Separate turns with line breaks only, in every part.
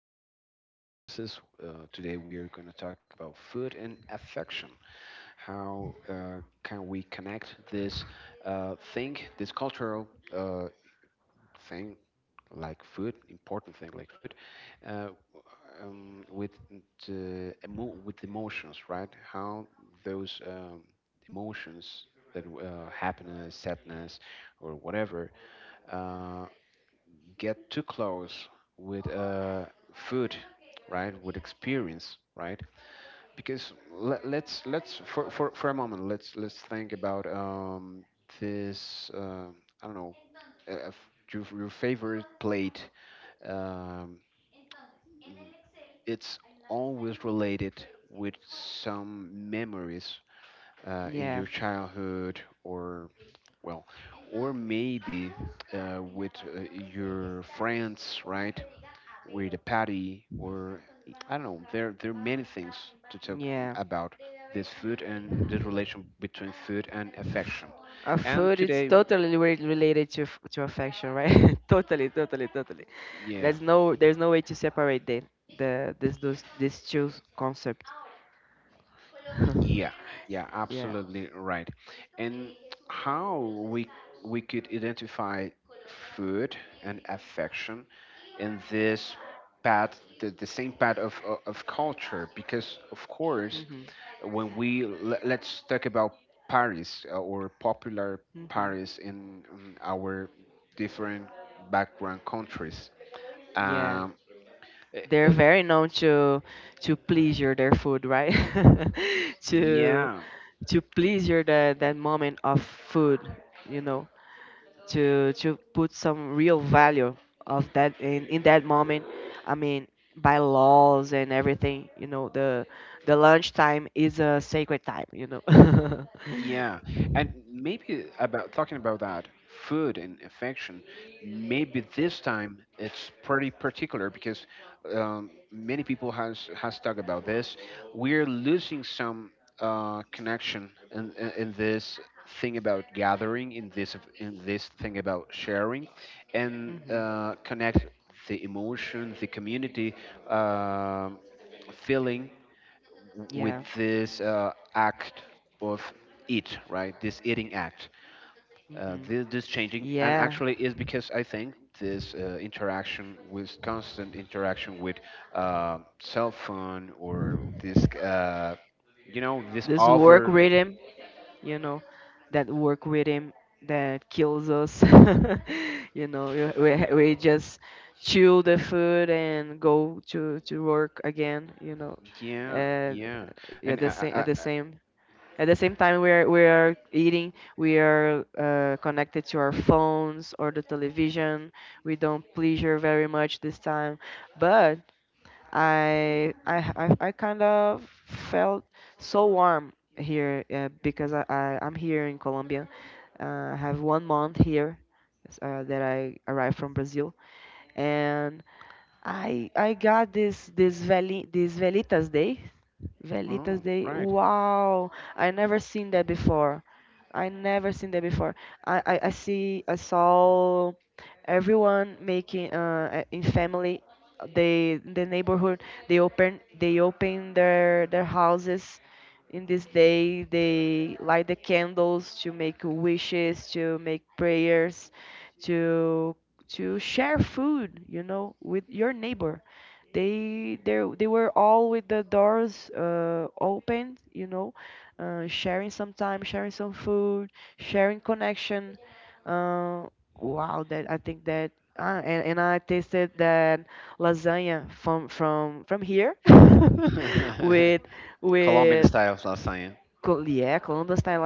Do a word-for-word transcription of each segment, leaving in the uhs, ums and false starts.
Latin American experiences. Uh, today, we are going to talk about food and affection. How uh, can we connect this uh, thing, this cultural uh, thing, like food, important thing like food, uh, um, with the emo- with emotions, right? How those um, emotions, that uh, happiness, sadness, or whatever uh, get too close with uh, food, right? With experience, right? Because let, let's let's for, for, for a moment let's let's think about um, this. Uh, I don't know, uh, f- your, your favorite plate. Um, it's always related with some memories uh, in
Yeah.
your childhood, or well, or maybe uh, with uh, your friends, right? With a patty or
y-
I don't know. There there are many things to talk
Yeah.
about this food and this relation between food and
Pff,
affection.
A
And
food it's
today,
totally re- related to f- to affection, right? Totally, totally, totally.
yeah,
There's no there's no way to separate the the this those these two concepts.
yeah, yeah,
Yeah.
absolutely right. And how we we could identify food and affection in this path, the, the same path of, of of culture, because of course
Mhm.
when we le- let's talk about Paris uh, or popular
Mhm.
Paris in, in our different background countries.
Yeah.
Um, uh, uh,
They're very known to to pleasure their food, right? to
yeah.
to pleasure that that moment of food, you know, to to put some real value of that in, in that moment. I mean, by laws and everything, you know, the the lunch time is a sacred time, you know.
Yeah, and maybe about talking about that food and affection, maybe this time it's pretty particular because um, many people has has talked about this. We're losing some uh, connection in, in in this thing about gathering, in this in this thing about sharing, and
hmm
uh, connect the emotion, the community um feeling w- with
Yeah.
this uh, act of eat, right? This eating act, uh,
hmm
this, this changing, and
Yeah.
actually is because I think this uh, interaction with constant interaction with uh, cell phone or this, uh, you know, this
This work
over,
rhythm, you know, that work with him that kills us. You know, you- we ha- we just chew the food and go to to work again. You know,
yeah,
uh,
yeah,
yeah,
and
the
I,
same at
I, I,
the same. At the same time, we are we are eating. We are uh, connected to our phones or the television. We don't pleasure very much this time, but I I I I kind of felt so warm here uh, because I, I I'm here in Colombia. Uh, I have one month here uh, that I arrived from Brazil, and I I got this this Veli this Velitas Day. Velitas
oh,
Day.
right.
Wow. I never seen that before. I never seen that before. I I, I see I saw everyone making uh a- in family, they in the neighborhood, they open they open their their houses. In this day, they light the candles to make wishes, to make prayers, to to share food, you know, with your neighbor. They they they were all with the doors uh, open, you know, uh, sharing some time, sharing some food, sharing connection. Uh, wow, that I think that ah, and, and I tasted that lasagna from from from here with
Colombian
with
style lasagna.
Col- yeah, Columbus, Thai.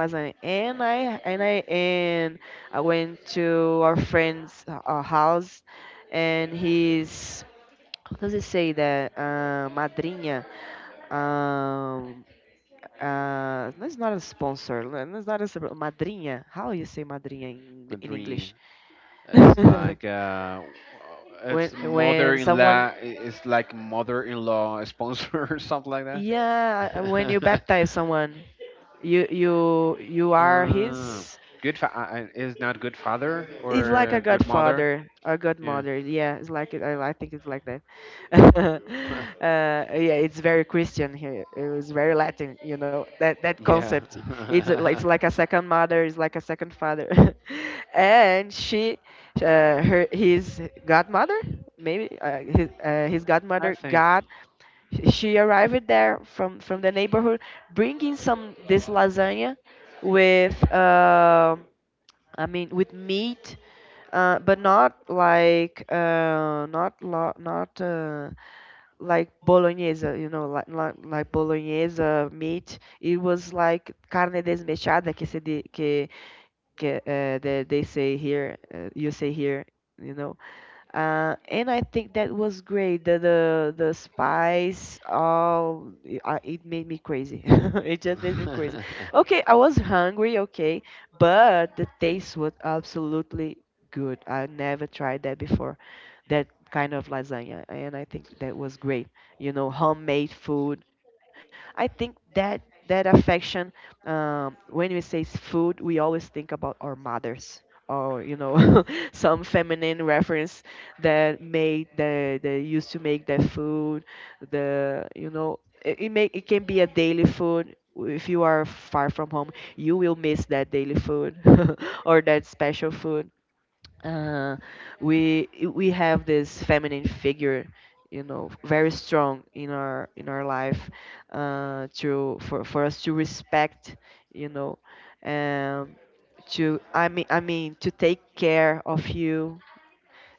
And I and I and I went to our friend's uh, house, and his, how does it say that, uh, madrinha. Um, uh, that's not a sponsor. le- That's not a sp- madrinha. How you say madrinha in, Eng- in
Madrid.
English?
It's like, uh, uh,
when
it's
when
mother-in-law.
someone,
i- It's like mother-in-law sponsor or something like that.
yeah, when you baptize someone, you you you are
uh,
his.
good. Fa- uh, uh, is not good father
He's like a
or good mother.
godfather, a
Yeah.
godmother. Yeah, it's like it. I, I think it's like that. uh, yeah, it's very Christian here. It was very Latin, you know. That that concept. It's a- it's
Yeah.
like a second mother. It's like a second father. And she, uh, her his godmother, maybe uh, his uh, his
I
godmother.
think.
God, she arrived there from from the neighborhood, bringing some this lasagna with. Uh, I mean, with meat, uh, but not like uh, not lo- not uh, like bolognese, you know, like like, like bolognese meat. It was like carne desmechada que se di- que que uh, they, they say here, uh, you say here, you know. Uh, and I think that was great. The the, the spice, oh, it I- it made me crazy. It just made me crazy. Okay, I was hungry, okay, but the taste was absolutely good. I never tried that before, that kind of lasagna, and I think that was great. You know, homemade food. I think that that affection, um, when we say s- food, we always think about our mothers. Or, you know, some feminine reference, that made the they used to make their food. The you know it, it may it can be a daily food. If you are far from home, you will miss that daily food, or that special food. uh, we we have this feminine figure, you know, very strong in our in our life, uh, to for, for us to respect, you know. Um, to I mean I mean to take care of you.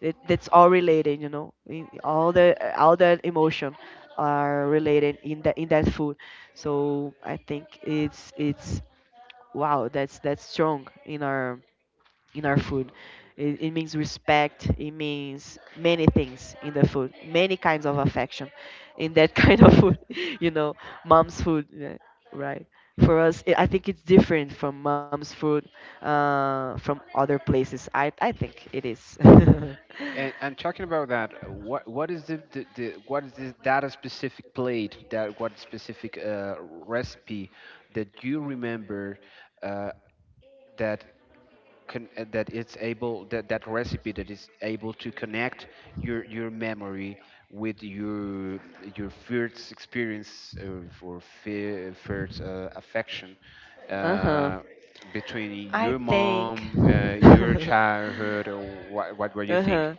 It, that's all related, you know. In- All the all the emotion are related in that in that food. So I think it's it's wow, that's that's strong in our in our food. It, it means respect. It means many things in the food, many kinds of affection in that kind of food. You know, mom's food, yeah, right? For us, i I think it's different from mom's food uh, from other places. I I think it is.
and, and talking about that, what what is the, the, the what is this, that a specific plate, that what specific uh, recipe that you remember, uh, that con- uh, that it's able, that that recipe that is able to connect your your memory with your your first experience uh, or for fi- first uh, affection,
Uh huh.
uh, between
I
your
think.
mom, uh, your childhood, or what what were you think?
Uh-huh.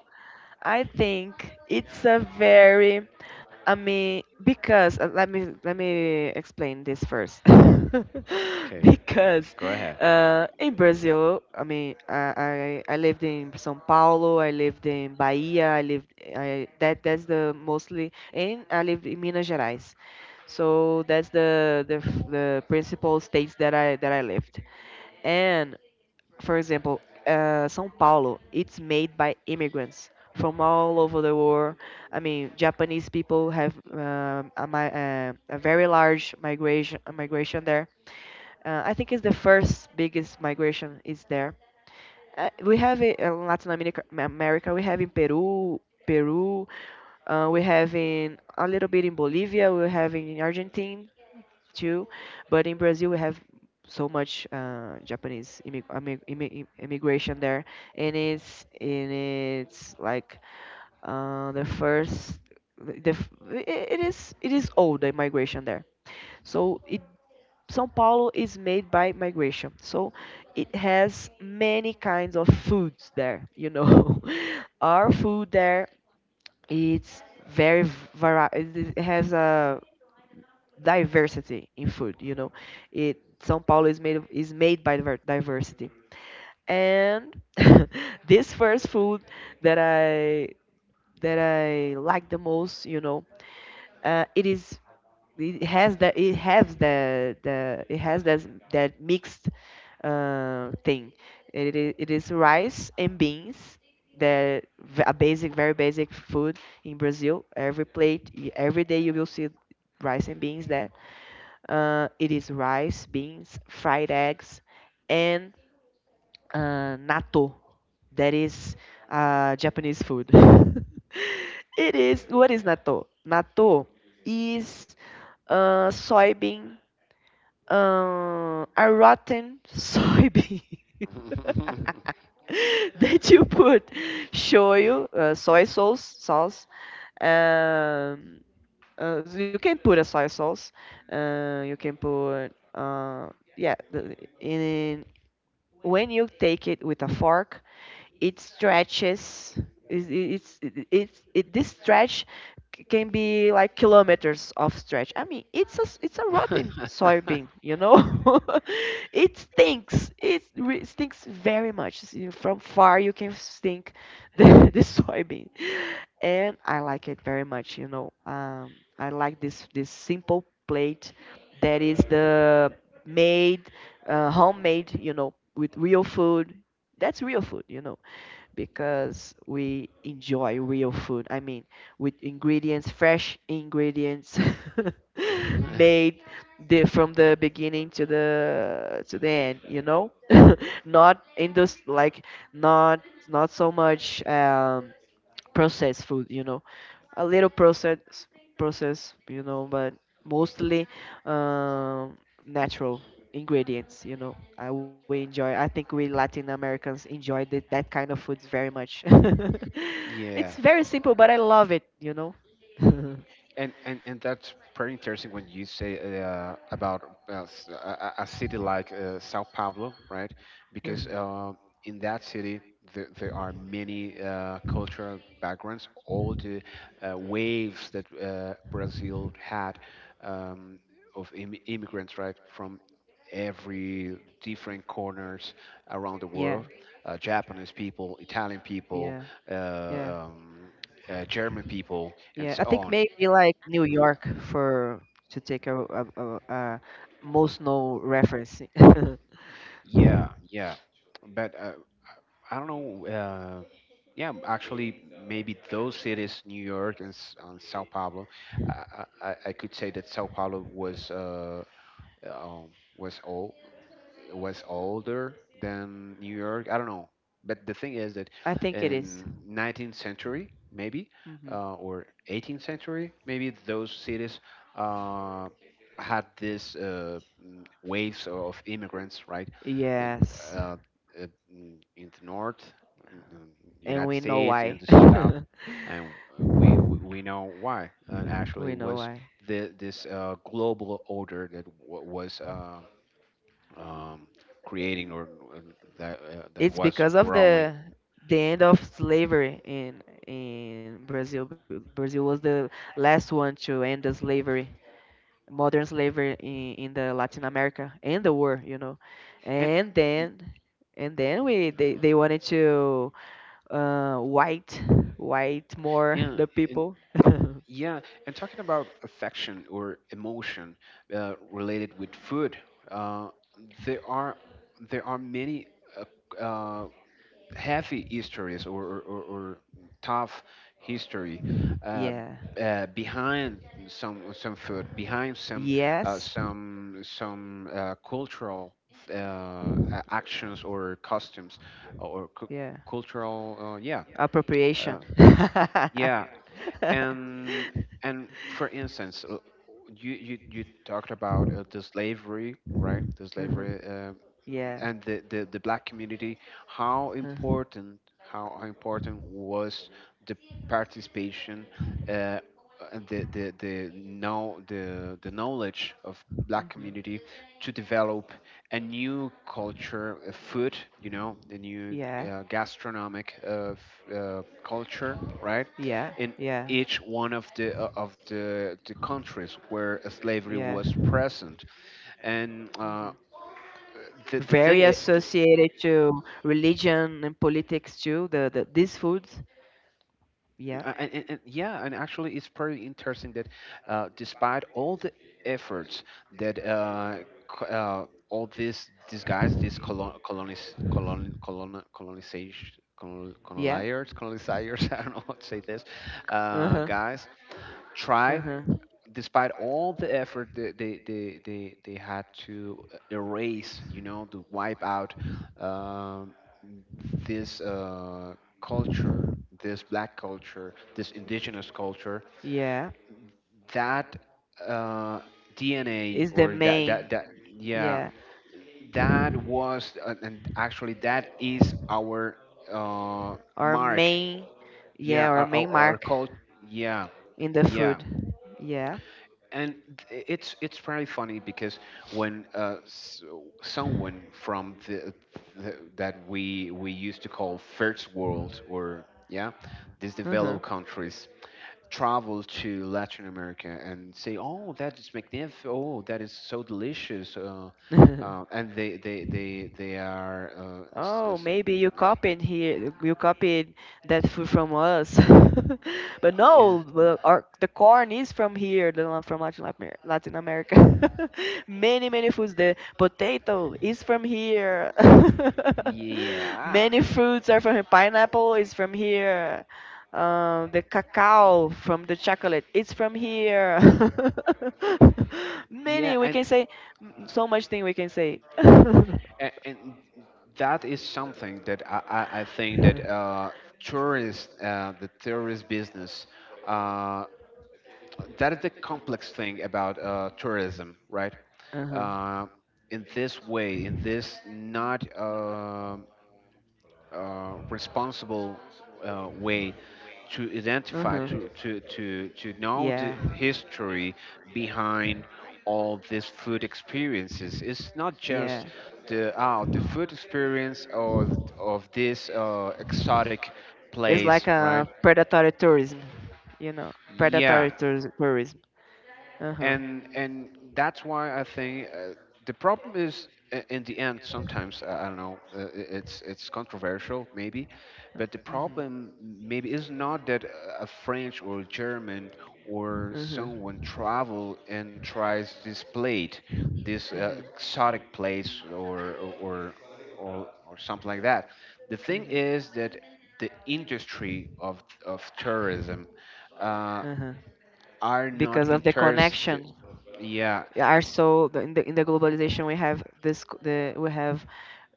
I think it's a very, I mean, because uh, let me let me explain this first.
Okay,
Because
go ahead.
uh, in Brazil, I mean, I, I I lived in São Paulo, I lived in Bahia, I lived, I that that's the mostly, and I lived in Minas Gerais. So that's the the f- the principal states that I that I lived. And for example, uh, São Paulo, it's made by immigrants from all over the world. I mean, Japanese people have um, a, mi- uh, a very large migration, a migration there. Uh, I think it's the first biggest migration is there. Uh, we have it in Latin America, America. We have in Peru, Peru. Uh, we have in a little bit in Bolivia. We have in Argentina too. But in Brazil, we have so much uh, Japanese immig immig immig immigration there, and it's and it's like uh, the first the f- I- it is, it is old, the migration there. So it São Paulo is made by migration, so it has many kinds of foods there. You know, our food there, it's very vari- it it has a diversity in food. You know, it São Paulo is made of, is made by diver- diversity, and this first food that I that I like the most, you know, uh, it is it has that it has the the it has that that mixed uh, thing. It is it is rice and beans. The v- a basic, very basic food in Brazil. Every plate, y- every day you will see rice and beans there. Uh, it is rice, beans, fried eggs, and uh, natto. That is uh, Japanese food. It is, what is natto? Natto is uh, soybean, uh, a rotten soybean that you put shoyu, uh, soy sauce, sauce, um, uh, you can put a soy sauce. Uh, you can put uh, yeah. The, in, when you take it with a fork, it stretches. It's, it's, it, it's it, this stretch c- can be like kilometers of stretch. I mean, it's a s- it's a rotten soybean, you know. It stinks. It re- stinks very much. S- you- From far, you can stink the, the soybean, and I like it very much. You know, um, I like this this simple plate that is the made, uh, homemade. You know, with real food. That's real food. You know, because we enjoy real food. I mean, with ingredients, fresh ingredients, made, the from the beginning to the to the end, you know? Not in those like, not not so much um processed food, you know, a little process process, you know, but mostly um, natural ingredients, you know. I We enjoy. I think we Latin Americans enjoy that that kind of foods very much. It's
Yeah.
very simple, but I love it, you know.
And and and that's pretty interesting when you say uh, about uh, s- a, a a city like uh, Sao Paulo, right? Because
Mhm.
uh, in that city there, there are many uh, cultural backgrounds. All the uh, waves that uh, Brazil had, um, of Im- immigrants, right, from every different corners around the
Yeah,
world. Uh, Japanese people, Italian people,
yeah, yeah,
uh, um, uh, German people, and
yeah.
so
I think
on.
maybe like New York, for to take a, a, a, a most no reference.
Yeah, yeah. But uh, I don't know. Uh, yeah, actually, maybe those cities, New York and, S- and Sao Paulo, I, I, I I could say that Sao Paulo was, uh, um, was all was older than New York. I don't know, but the thing is that
I think it is.
in nineteenth century maybe
Mhm.
uh, or eighteenth century maybe those cities uh, had this uh, mm, waves of immigrants, right? And,
Yes,
Uh, uh, mm, in the north, mm, mm,
and
United
we know
States, in
why.
the south, and we we we know why. And actually,
We know
was
why.
the, this uh, global order that w- was, uh, um, creating or uh, that uh, that
It's
was
because of
growing.
the the end of slavery in in Brazil. B- Brazil was the last one to end the slavery, modern slavery in in the Latin America and the war, you know.
And
And
y-
then, and then we they they wanted to uh, white, white more
yeah.
the
And
people.
yeah, and talking about affection or emotion uh, related with food, uh, there are there are many uh, uh, heavy histories, or, or, or, or tough history uh,
Yeah.
uh, behind some some food, behind some uh,
Yes.
some some uh, cultural uh, a- actions or customs or cu-
Yeah.
cultural uh, yeah. uh,
Appropriation.
yeah. and and for instance, uh, you, you, you talked about uh, the slavery, right? The slavery
Mhm.
uh,
Yeah.
and the, the, the black community, how
Mhm.
important how important was the participation uh, and the the the know the the knowledge of black
Mhm.
community to develop a new culture, a food, you know, a new
Yeah.
uh, gastronomic uh, f- uh, culture, right,
Yeah.
in
Yeah.
each one of the uh, of the, the countries where slavery
Yeah.
was present. And uh,
Hmm.
the, the
Very
thing.
associated to religion and politics too. The, the these foods. Yeah.
Uh, and, and, and yeah, and actually, it's pretty interesting that uh, despite all the efforts that uh, co- uh, all these these guys, these colon colonis colon colon colonization, colon,
Yeah.
colonizers colonizers, I don't know how to say this,
Uh huh.
uh, guys
Uh huh.
try. Despite all the effort that they, they, they, they had to erase, you know, to wipe out um, this uh, culture, this black culture, this indigenous culture,
Yeah.
that uh, D N A,
Is the right?
or that
Main.
that that yeah,
Yeah.
that was and and actually that is our uh,
Our
mark.
main,
Yeah,
yeah, our
our
main
our, our
mark
culture. Yeah,
in the
yeah.
food. Yeah.
And th- it's it's very funny because when uh, s- someone from the, the that we we used to call first world or yeah, these
Uh-huh.
developed countries travel to Latin America and say, oh, that is magnificent, oh, that is so delicious, uh, uh, and they they they they are uh, s-
Oh,
s-
maybe you copied here, you copied that food from us. But
yeah,
no, the- our, the corn is from here, the la- from Latin Amer- Latin America. Many, many foods. The potato is from here.
yeah,
Many fruits are from here. Pineapple is from here. Um, the cacao from the chocolate is from here.
yeah,
Many, we
and
can say m- so much thing we can say.
A- and that is something that I, I, I think that uh, tourist, uh, the tourist business, uh, that is the complex thing about uh, tourism, right?
Uh-huh.
Uh, in this way, in this not um uh, responsible uh, way, to
Uh-huh.
identify to to to to
Yeah.
know the history behind all these food experiences. It's not
Yeah.
just the, oh, the food experience of of this uh, exotic
It's
place,
like
right?
a predatory tourism, you know,
Yeah.
predatory tours tourism. Uh-huh.
and and that's why I think uh, the problem is i- in the end. Sometimes uh, I don't know, uh, i- it's it's controversial maybe, but the
Mm-hmm.
problem maybe is not that uh, a French or a German or
Mm-hmm.
someone travel and tries this plate, this uh,
Mm-hmm.
exotic place or or or or something like that. The thing is that the industry of of tourism, Uh,
Mm-hmm. Uh-huh.
are
Because
not
of the
interested.
connection.
Yeah.
Are so the- in the in the globalization, we have this c- the we have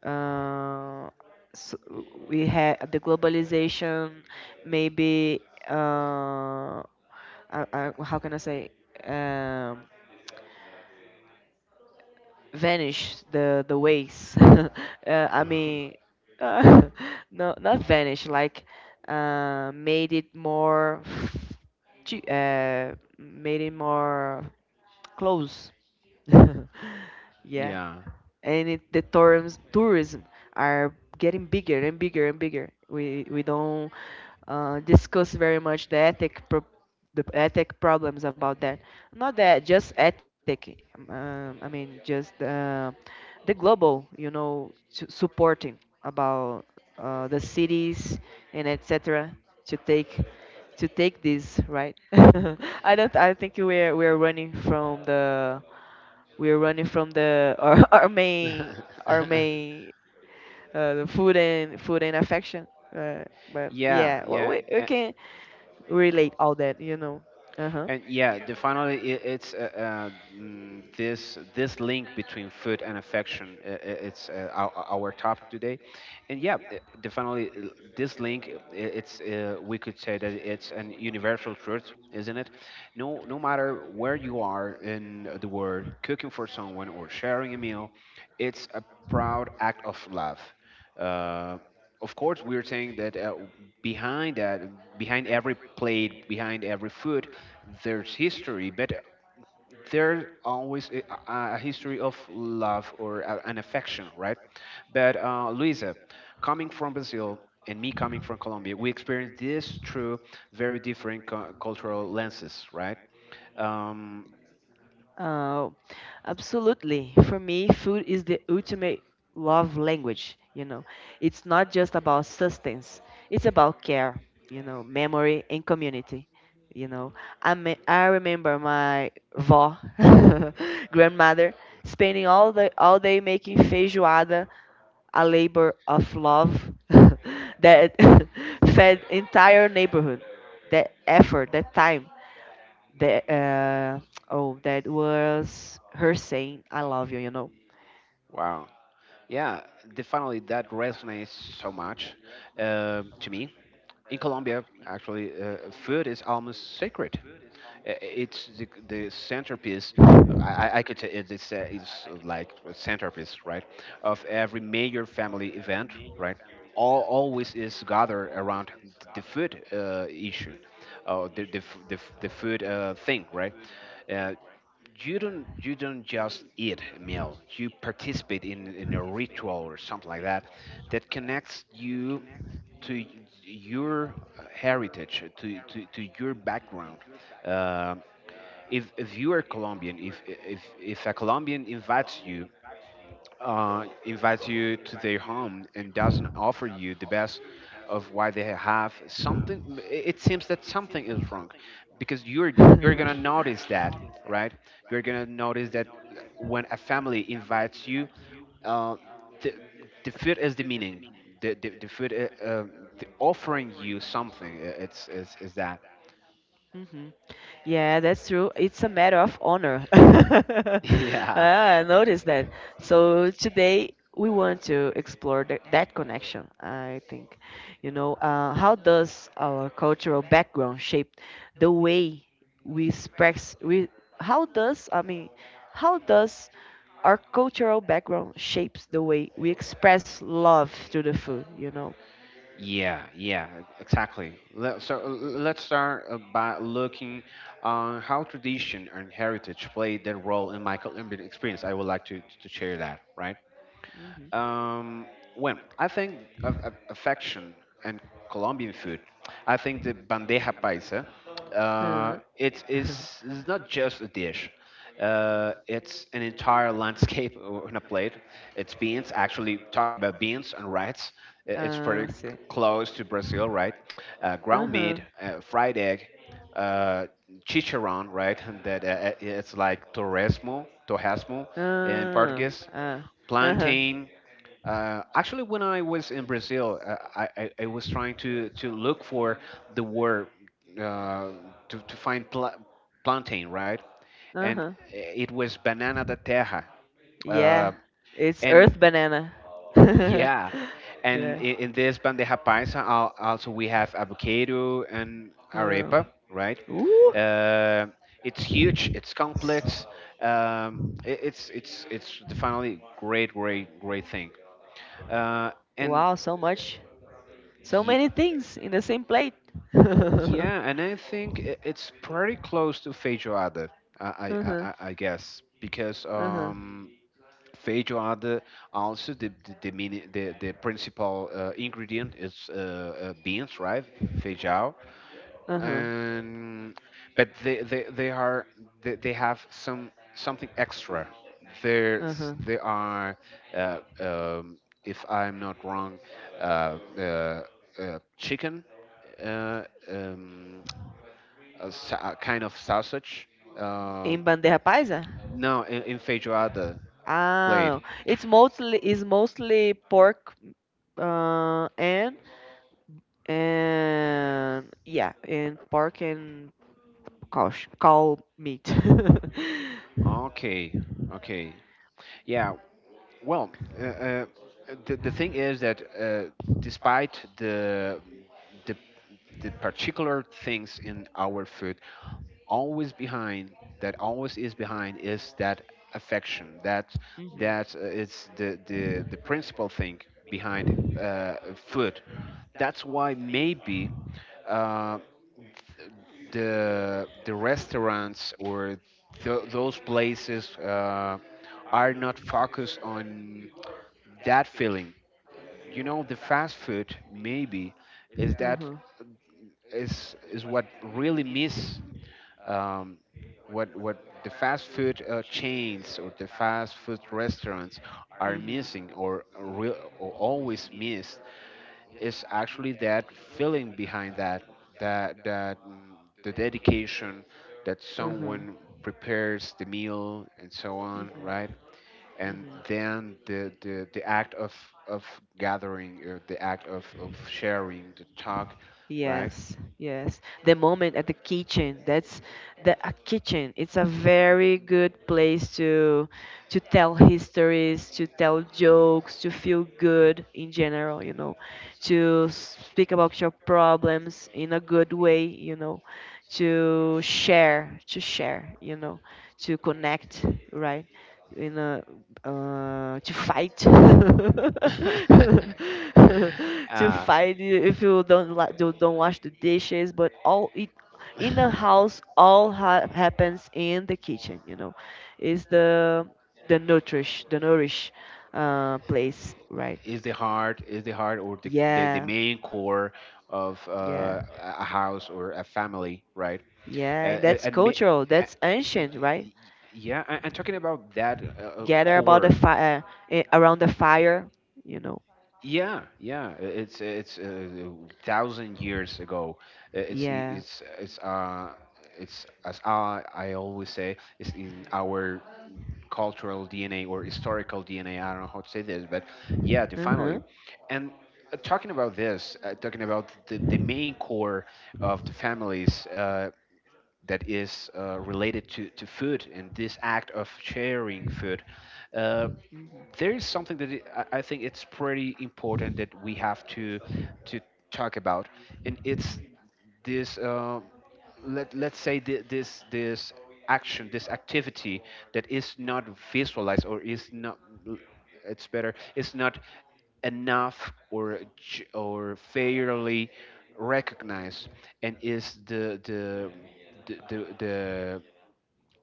uh, s we have the globalization, maybe uh, uh, uh, how can I say, um, vanish the the ways, uh, I mean, uh, no, not vanish like uh, made it more f- chi- uh, made it more close, yeah.
Yeah.
And it, the terms tourism are getting bigger and bigger and bigger. We we don't uh, discuss very much the ethic pro- the ethic problems about that. Not that just ethic. Um, I mean just uh, the global, you know, su- supporting about uh, the cities and et cetera to take to take this right. I don't. I think we're we're running from the we're running from the our, our main our main uh, the food and food and affection. Uh, but
Yeah.
yeah, well,
Yeah.
we we can relate all that, you know. Uh huh.
And yeah, the finally I it's uh, uh, mm, this this link between food and affection. Uh, uh, it's uh, our, our topic today, and yeah, uh, the finally uh, this link, uh, i- it's uh, we could say that it's an universal truth, isn't it? No, no matter where you are in the world, cooking for someone or sharing a meal, it's a proud act of love. Uh, of course, we're saying that uh, behind that, behind every plate, behind every food there's history, but there's always a, a a history of love, or a, an affection, right? But uh, Luisa, coming from Brazil and me coming from Colombia, we experience this through very different cu- cultural lenses, right? Um,
Oh, absolutely. For me, food is the ultimate love language, you know. It's not just about sustenance, it's about care, you know, memory and community. You know, I me I remember my vó, grandmother, spending all the all day making feijoada, a labor of love that fed entire neighborhood. That effort, that time, that uh, oh, that was her saying, "I love you," you know.
wow. Yeah, definitely that resonates so much uh, to me. In Colombia, actually, uh, food is almost sacred. I- It's the, the centerpiece. I, I could say it is, uh, is uh, like a centerpiece, right, of every major family event, right? All always is gathered around th- the food uh, issue, or the the f- the, f- the food uh, thing, right? Uh, you don't you don't just eat a meal, you participate in in a ritual or something like that that connects you to y- your heritage to to, to your background. Um if if you are Colombian, if if if a Colombian invites you, uh, invites you to their home and doesn't offer you the best of what they have, something it it seems that something is wrong, because you're you're gonna notice that, right? You're gonna notice that when a family invites you, uh, the the food is the meaning. The, the, the food, uh, um the offering you something, uh, it's is, is that.
Hmm. Yeah, that's true. It's a matter of honor.
Yeah.
Ah, I noticed that. So today we want to explore th that connection, I think. You know, uh, how does our cultural background shape the way we express, we, how does, I mean, how does our cultural background shapes the way we express love through the food, you know?
Yeah, yeah, exactly. Let, so uh, let's start uh, by looking on how tradition and heritage played their role in my Colombian experience. I would like to, to share that, right?
Hmm.
Um, well, I think of, of affection and Colombian food. I think the bandeja paisa. Uh,
Ah.
it is it's not just a dish. Uh, it's an entire landscape on a plate. It's beans. Actually, talking about beans and rice, i- it's
Ah,
pretty
sim.
c- close to Brazil, right? Uh, ground meat,
Aham.
uh, fried egg, uh, chicharrón, right? And that uh, uh, it's like torresmo, torresmo in
Ah,
Portuguese,
ah. Aham.
plantain, uh, actually, when I was in Brazil, uh, I, I, I was trying to, to look for the word uh, to, to find pla- plantain, right? And
Aham.
it was banana da terra. Uh,
Yeah. It's
and
earth banana.
yeah, and
Yeah.
in, in this bandeja paisa, al- also we have avocado and
Um,
arepa, right?
Ooh.
Uh, it's huge, it's complex. Um, it, it's it's it's definitely great, great, great thing. Uh, and
Wow, so much. So
yeah,
many things in the same plate.
Yeah, and I think i- it's pretty close to feijoada, I I I,
Uh-huh.
I I guess, because
Uh-huh.
um, feijoada also the the the, mini, the, the principal uh, ingredient is uh, uh, beans, right? Feijão,
Uh-huh.
and but they they, they are they, they have some something extra. There's
Aham.
they are uh, um, if I'm not wrong, uh, uh, uh, chicken. Uh, um, a, sa- a
Really.
kind of sausage.
Em
Um,
bandeja paisa?
no, in, in feijoada
Ah,
plate.
it's mostly it's mostly pork uh, and and yeah, and pork and cow sh- cow meat.
Okay, okay. Yeah. Well, uh, uh, the the thing is that uh, despite the the the particular things in our food, always behind that always is behind is that affection that
Mhm.
that uh, is the the the principal thing behind uh, food. That's why maybe uh, the the restaurants or th- those places uh, are not focused on that feeling. You know, the fast food maybe is that is is what really miss um, what what the fast food uh, chains or the fast food restaurants are missing or, real, or always miss is actually that feeling behind that that that mm, the dedication that someone prepares the meal and so on, right? And
Hmm.
then the the, the act of of gathering or the act of, of sharing the talk, right.
Yes, yes. The moment at the kitchen, that's the a kitchen. It's a very good place to to tell histories, to tell jokes, to feel good in general, you know, to speak about your problems in a good way, you know, to share, to share, you know, to connect, right? in a uh, To fight to
uh,
fight i- if you don't la- you don't wash the dishes, but all it in the house all ha- happens in the kitchen. You know is the the nourish the nourish uh, place, right?
is the heart, is the heart or the, the, the
Yeah,
main core of uh,
yeah,
a a house or a family, right.
yeah.
and,
And that's
and ma-
cultural,
a-
that's
y-
ancient, right?
y- Yeah, a- and talking about that uh, uh,
Gather about the
core,
fire, around the fire, you know.
yeah, yeah I- it's it's uh, thousand years ago. Uh, it's i-
Yeah.
it's it's uh it's as I, I always say, it's in our cultural D N A
Uh
or
huh.
historical D N A. I don't know how to say this, but yeah,
Hmm.
definitely. And uh, talking about this, uh, talking about the, the main core of the families, uh, that is uh, related to, to food and this act of sharing food. Uh,
Mhm.
there is something that it, I I think it's pretty important that we have to to talk about, and it's this uh, let let's say thi- this this action, this activity that is not visualized or is not, it's better, it's not enough or j- or fairly recognized. And is the the the the the,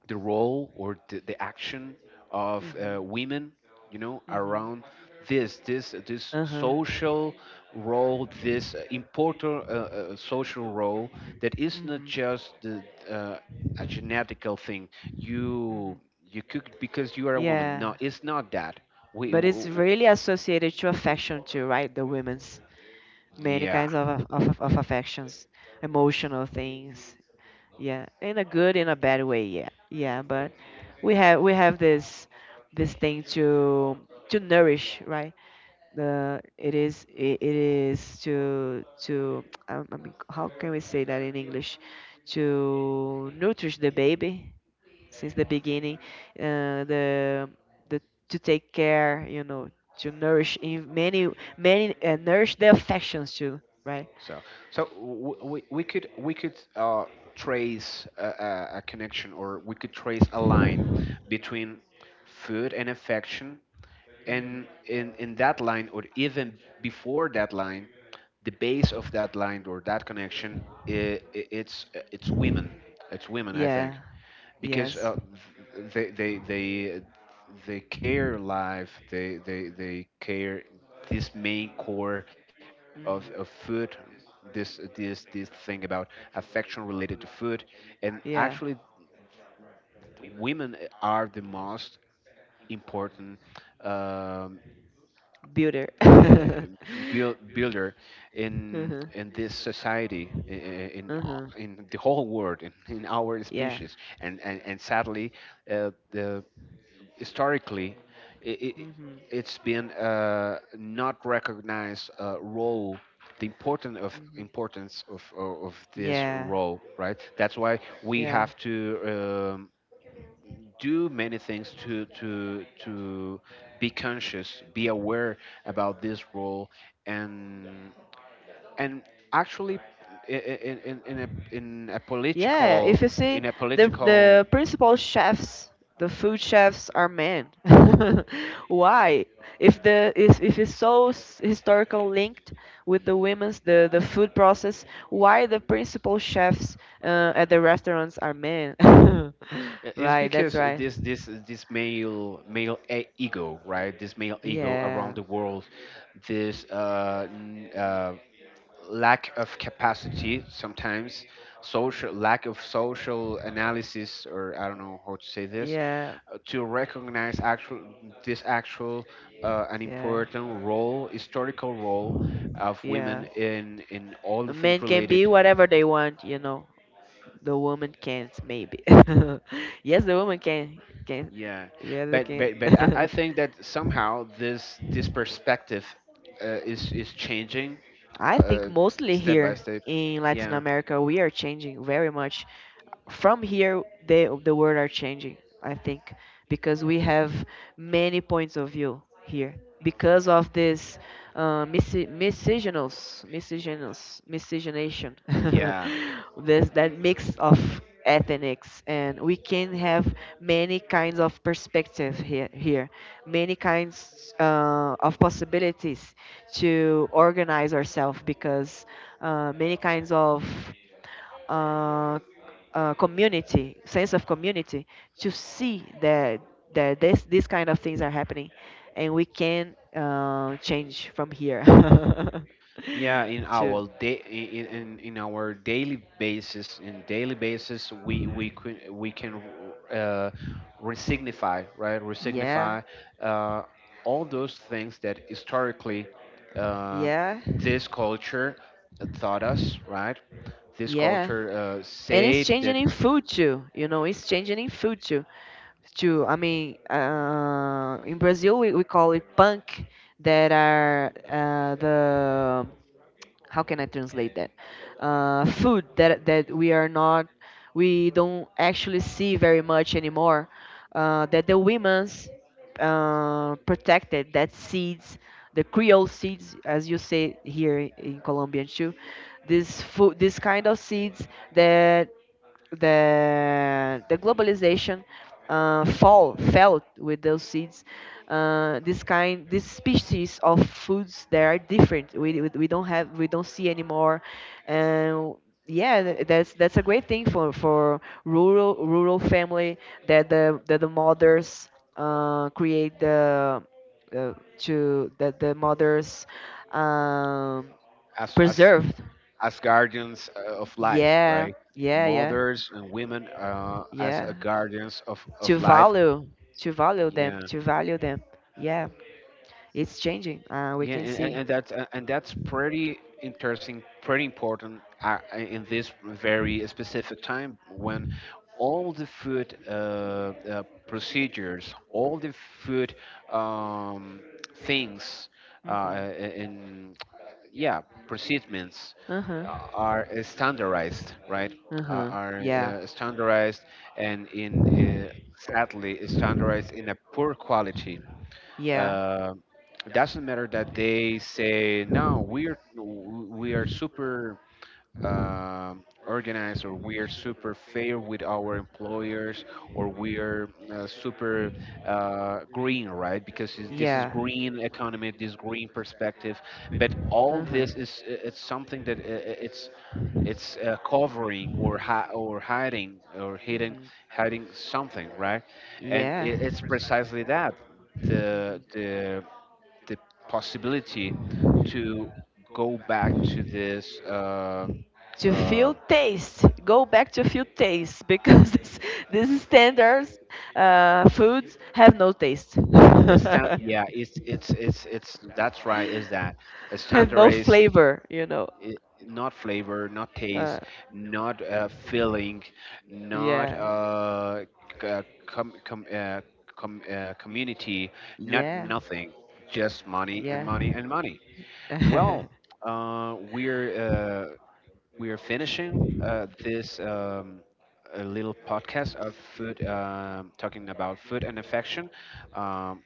the role or the, the action of uh,
Mhm.
women, you know,
Mhm.
around this this this
Uh-huh.
social role, this uh, important uh, uh, social role that is not just
Mhm.
the uh, a genetical thing. you
Mhm.
you cook because you are a woman?
Yeah.
No, it's not that. we
But
w-
it's
w-
really associated to affection too, right? The women's. Many
yeah.
kinds of, aff- of, of of affections, emotional things. Yeah, in a good, in a bad way. Yeah, yeah. But we have we have this this thing to to nourish, right? The it is it, it is to to I I mean, how can we say that in English? To nourish the baby, since the beginning uh, the the to take care, you know to nourish in many many, uh, nourish the affections too, right?
So, so w- we we could, we could uh, trace a, a, a connection, or we could trace a line between food and affection, and in in
Mhm.
that line, or even before that line, the base of that line or that connection, i i- it's it's women. It's women, I
Yeah.
think, because
Yes.
uh, th- they they they they care life, they they they care this main core of, of
Mhm.
food, this this this thing about affection related to food. And
Yeah.
actually women are the most important, um,
Builder. uh-huh.
uh, build, builder in in this society, i- i- in
Uh-huh.
in the whole world, in, in our
Yeah.
species. And and, and sadly uh, the historically it, it, it's been uh, not recognized, uh, role, the important of, importance of, of of
This.
this
Yeah.
role, right? That's
Role.
why we have to um, do many things to to to be conscious, be aware about this role. and and actually i- i- in in, in, a, in a
Yeah,
political,
if you see
in a
the
political.
the principal chefs, the food chefs are men. Why? If the if, if it's so s- historical linked with the women's, the the food process, why the principal chefs uh, at the restaurants are men?
I- It's
Right, that's
because uh,
right.
this this this male male e- ego, right? This male ego around
Yeah.
the world, this uh, n- uh, lack of capacity sometimes, social, lack of social analysis, or I don't know how to say this,
Yeah.
uh, to recognize actual, this actual uh, an
Yeah.
important role, historical role of women
Yeah.
in in all the
A man
things
can
related.
be whatever they want, you know. The woman can't, maybe. yes, the woman can. Can.
Yeah,
The other
but
can.
but but I, I think that somehow this this perspective uh, is is changing
I think
uh,
mostly
step by
here
step.
in Latin
Yeah,
America we are changing very much. From here, the the world are changing. I think because we have many points of view here because of this uh, misci- miscegenous miscegenous miscegenation.
yeah,
this, that mix of ethnics, and we can have many kinds of perspective here, here, many kinds uh, of possibilities to organize ourselves, because uh, many kinds of uh, uh, community, sense of community, to see that that this these kind of things are happening, and we can uh, change from here
yeah. In
to.
our day, in, in in our daily basis, in daily basis, we we can, we can uh, resignify, right?
Yeah,
Resignify uh, all those things that historically uh,
yeah,
this culture taught us, right? This
yeah.
culture uh,
And it's
said
changing
that,
in food too. You know, it's changing in food too. Too. I mean, uh, in Brazil we, we call it punk, that are uh, the how can I translate that? Uh, food that that we are not, we don't actually see very much anymore. Uh, that the women's uh, protected that seeds, the Creole seeds, as you say here in Colombian too. This food, this kind of seeds that the the globalization uh, fall felt with those seeds, uh, this kind this species of foods that are different, we, we, we don't have we don't see anymore. And yeah, th- that's that's a great thing for for rural rural family, that the that the mothers uh, create the uh, to that the mothers, um,
as as
preserved.
as guardians uh, of life,
Yeah.
right?
Yeah. Yeah.
Mothers and women uh, as
Yeah.
a guardians of
to
of life.
value to value them,
Yeah.
to value them yeah, it's changing. Uh, we
Yeah,
can
and, and
see.
and that's a- and that's pretty interesting, pretty important uh, uh, in this very specific time when all the food uh, uh, procedures, all the food um, things, uh,
Mm-hmm.
uh, in yeah, procedures
Uh-huh.
are uh, standardized, right? Uh,
Uh-huh.
are
Yeah.
uh, standardized and in uh, sadly standardized in a poor quality.
Yeah.
uh, it doesn't matter that they say, no, we're, we are super um organized, or we are super fair with our employers, or we are uh, super uh, green, right? Because it's- this is
Yeah.
green economy, this green perspective. But all
Uh-huh.
this is, it's something that uh, uh, it's it's uh, covering or hi- or hiding or hiding,
Hmm.
hiding something, right. And it, it's precisely that, the the the possibility to go back to this uh,
to
uh,
feel taste Go back to feel taste, because this, these standards uh, foods have no taste.
it's stan- yeah, it's it's it's it's that's right, is that a
have no
standardized,
flavor, you know.
i- not flavor, not
uh,
taste, not uh, feeling, not
yeah.
uh, c- uh, com, com, uh, com, uh, community, not
Yeah.
nothing, just money and money and money. Well, uh, we're uh, we are finishing uh, this um, a little podcast of food, um, talking about food and affection. Um,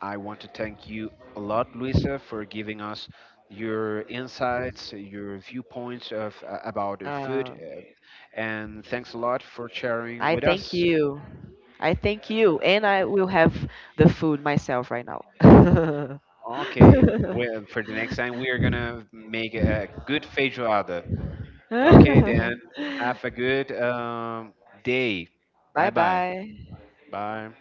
I want to thank you a lot, Luisa, for giving us your insights, your viewpoints of, uh, about uh, food,
uh,
uh, and thanks a lot for sharing
I
with
thank
us.
you. I thank you. And I will have the food myself right now.
Okay, well, for the next time we are gonna make a good feijoada. Okay, then have a good um, day. Bye
bye
bye.
bye.
Bye.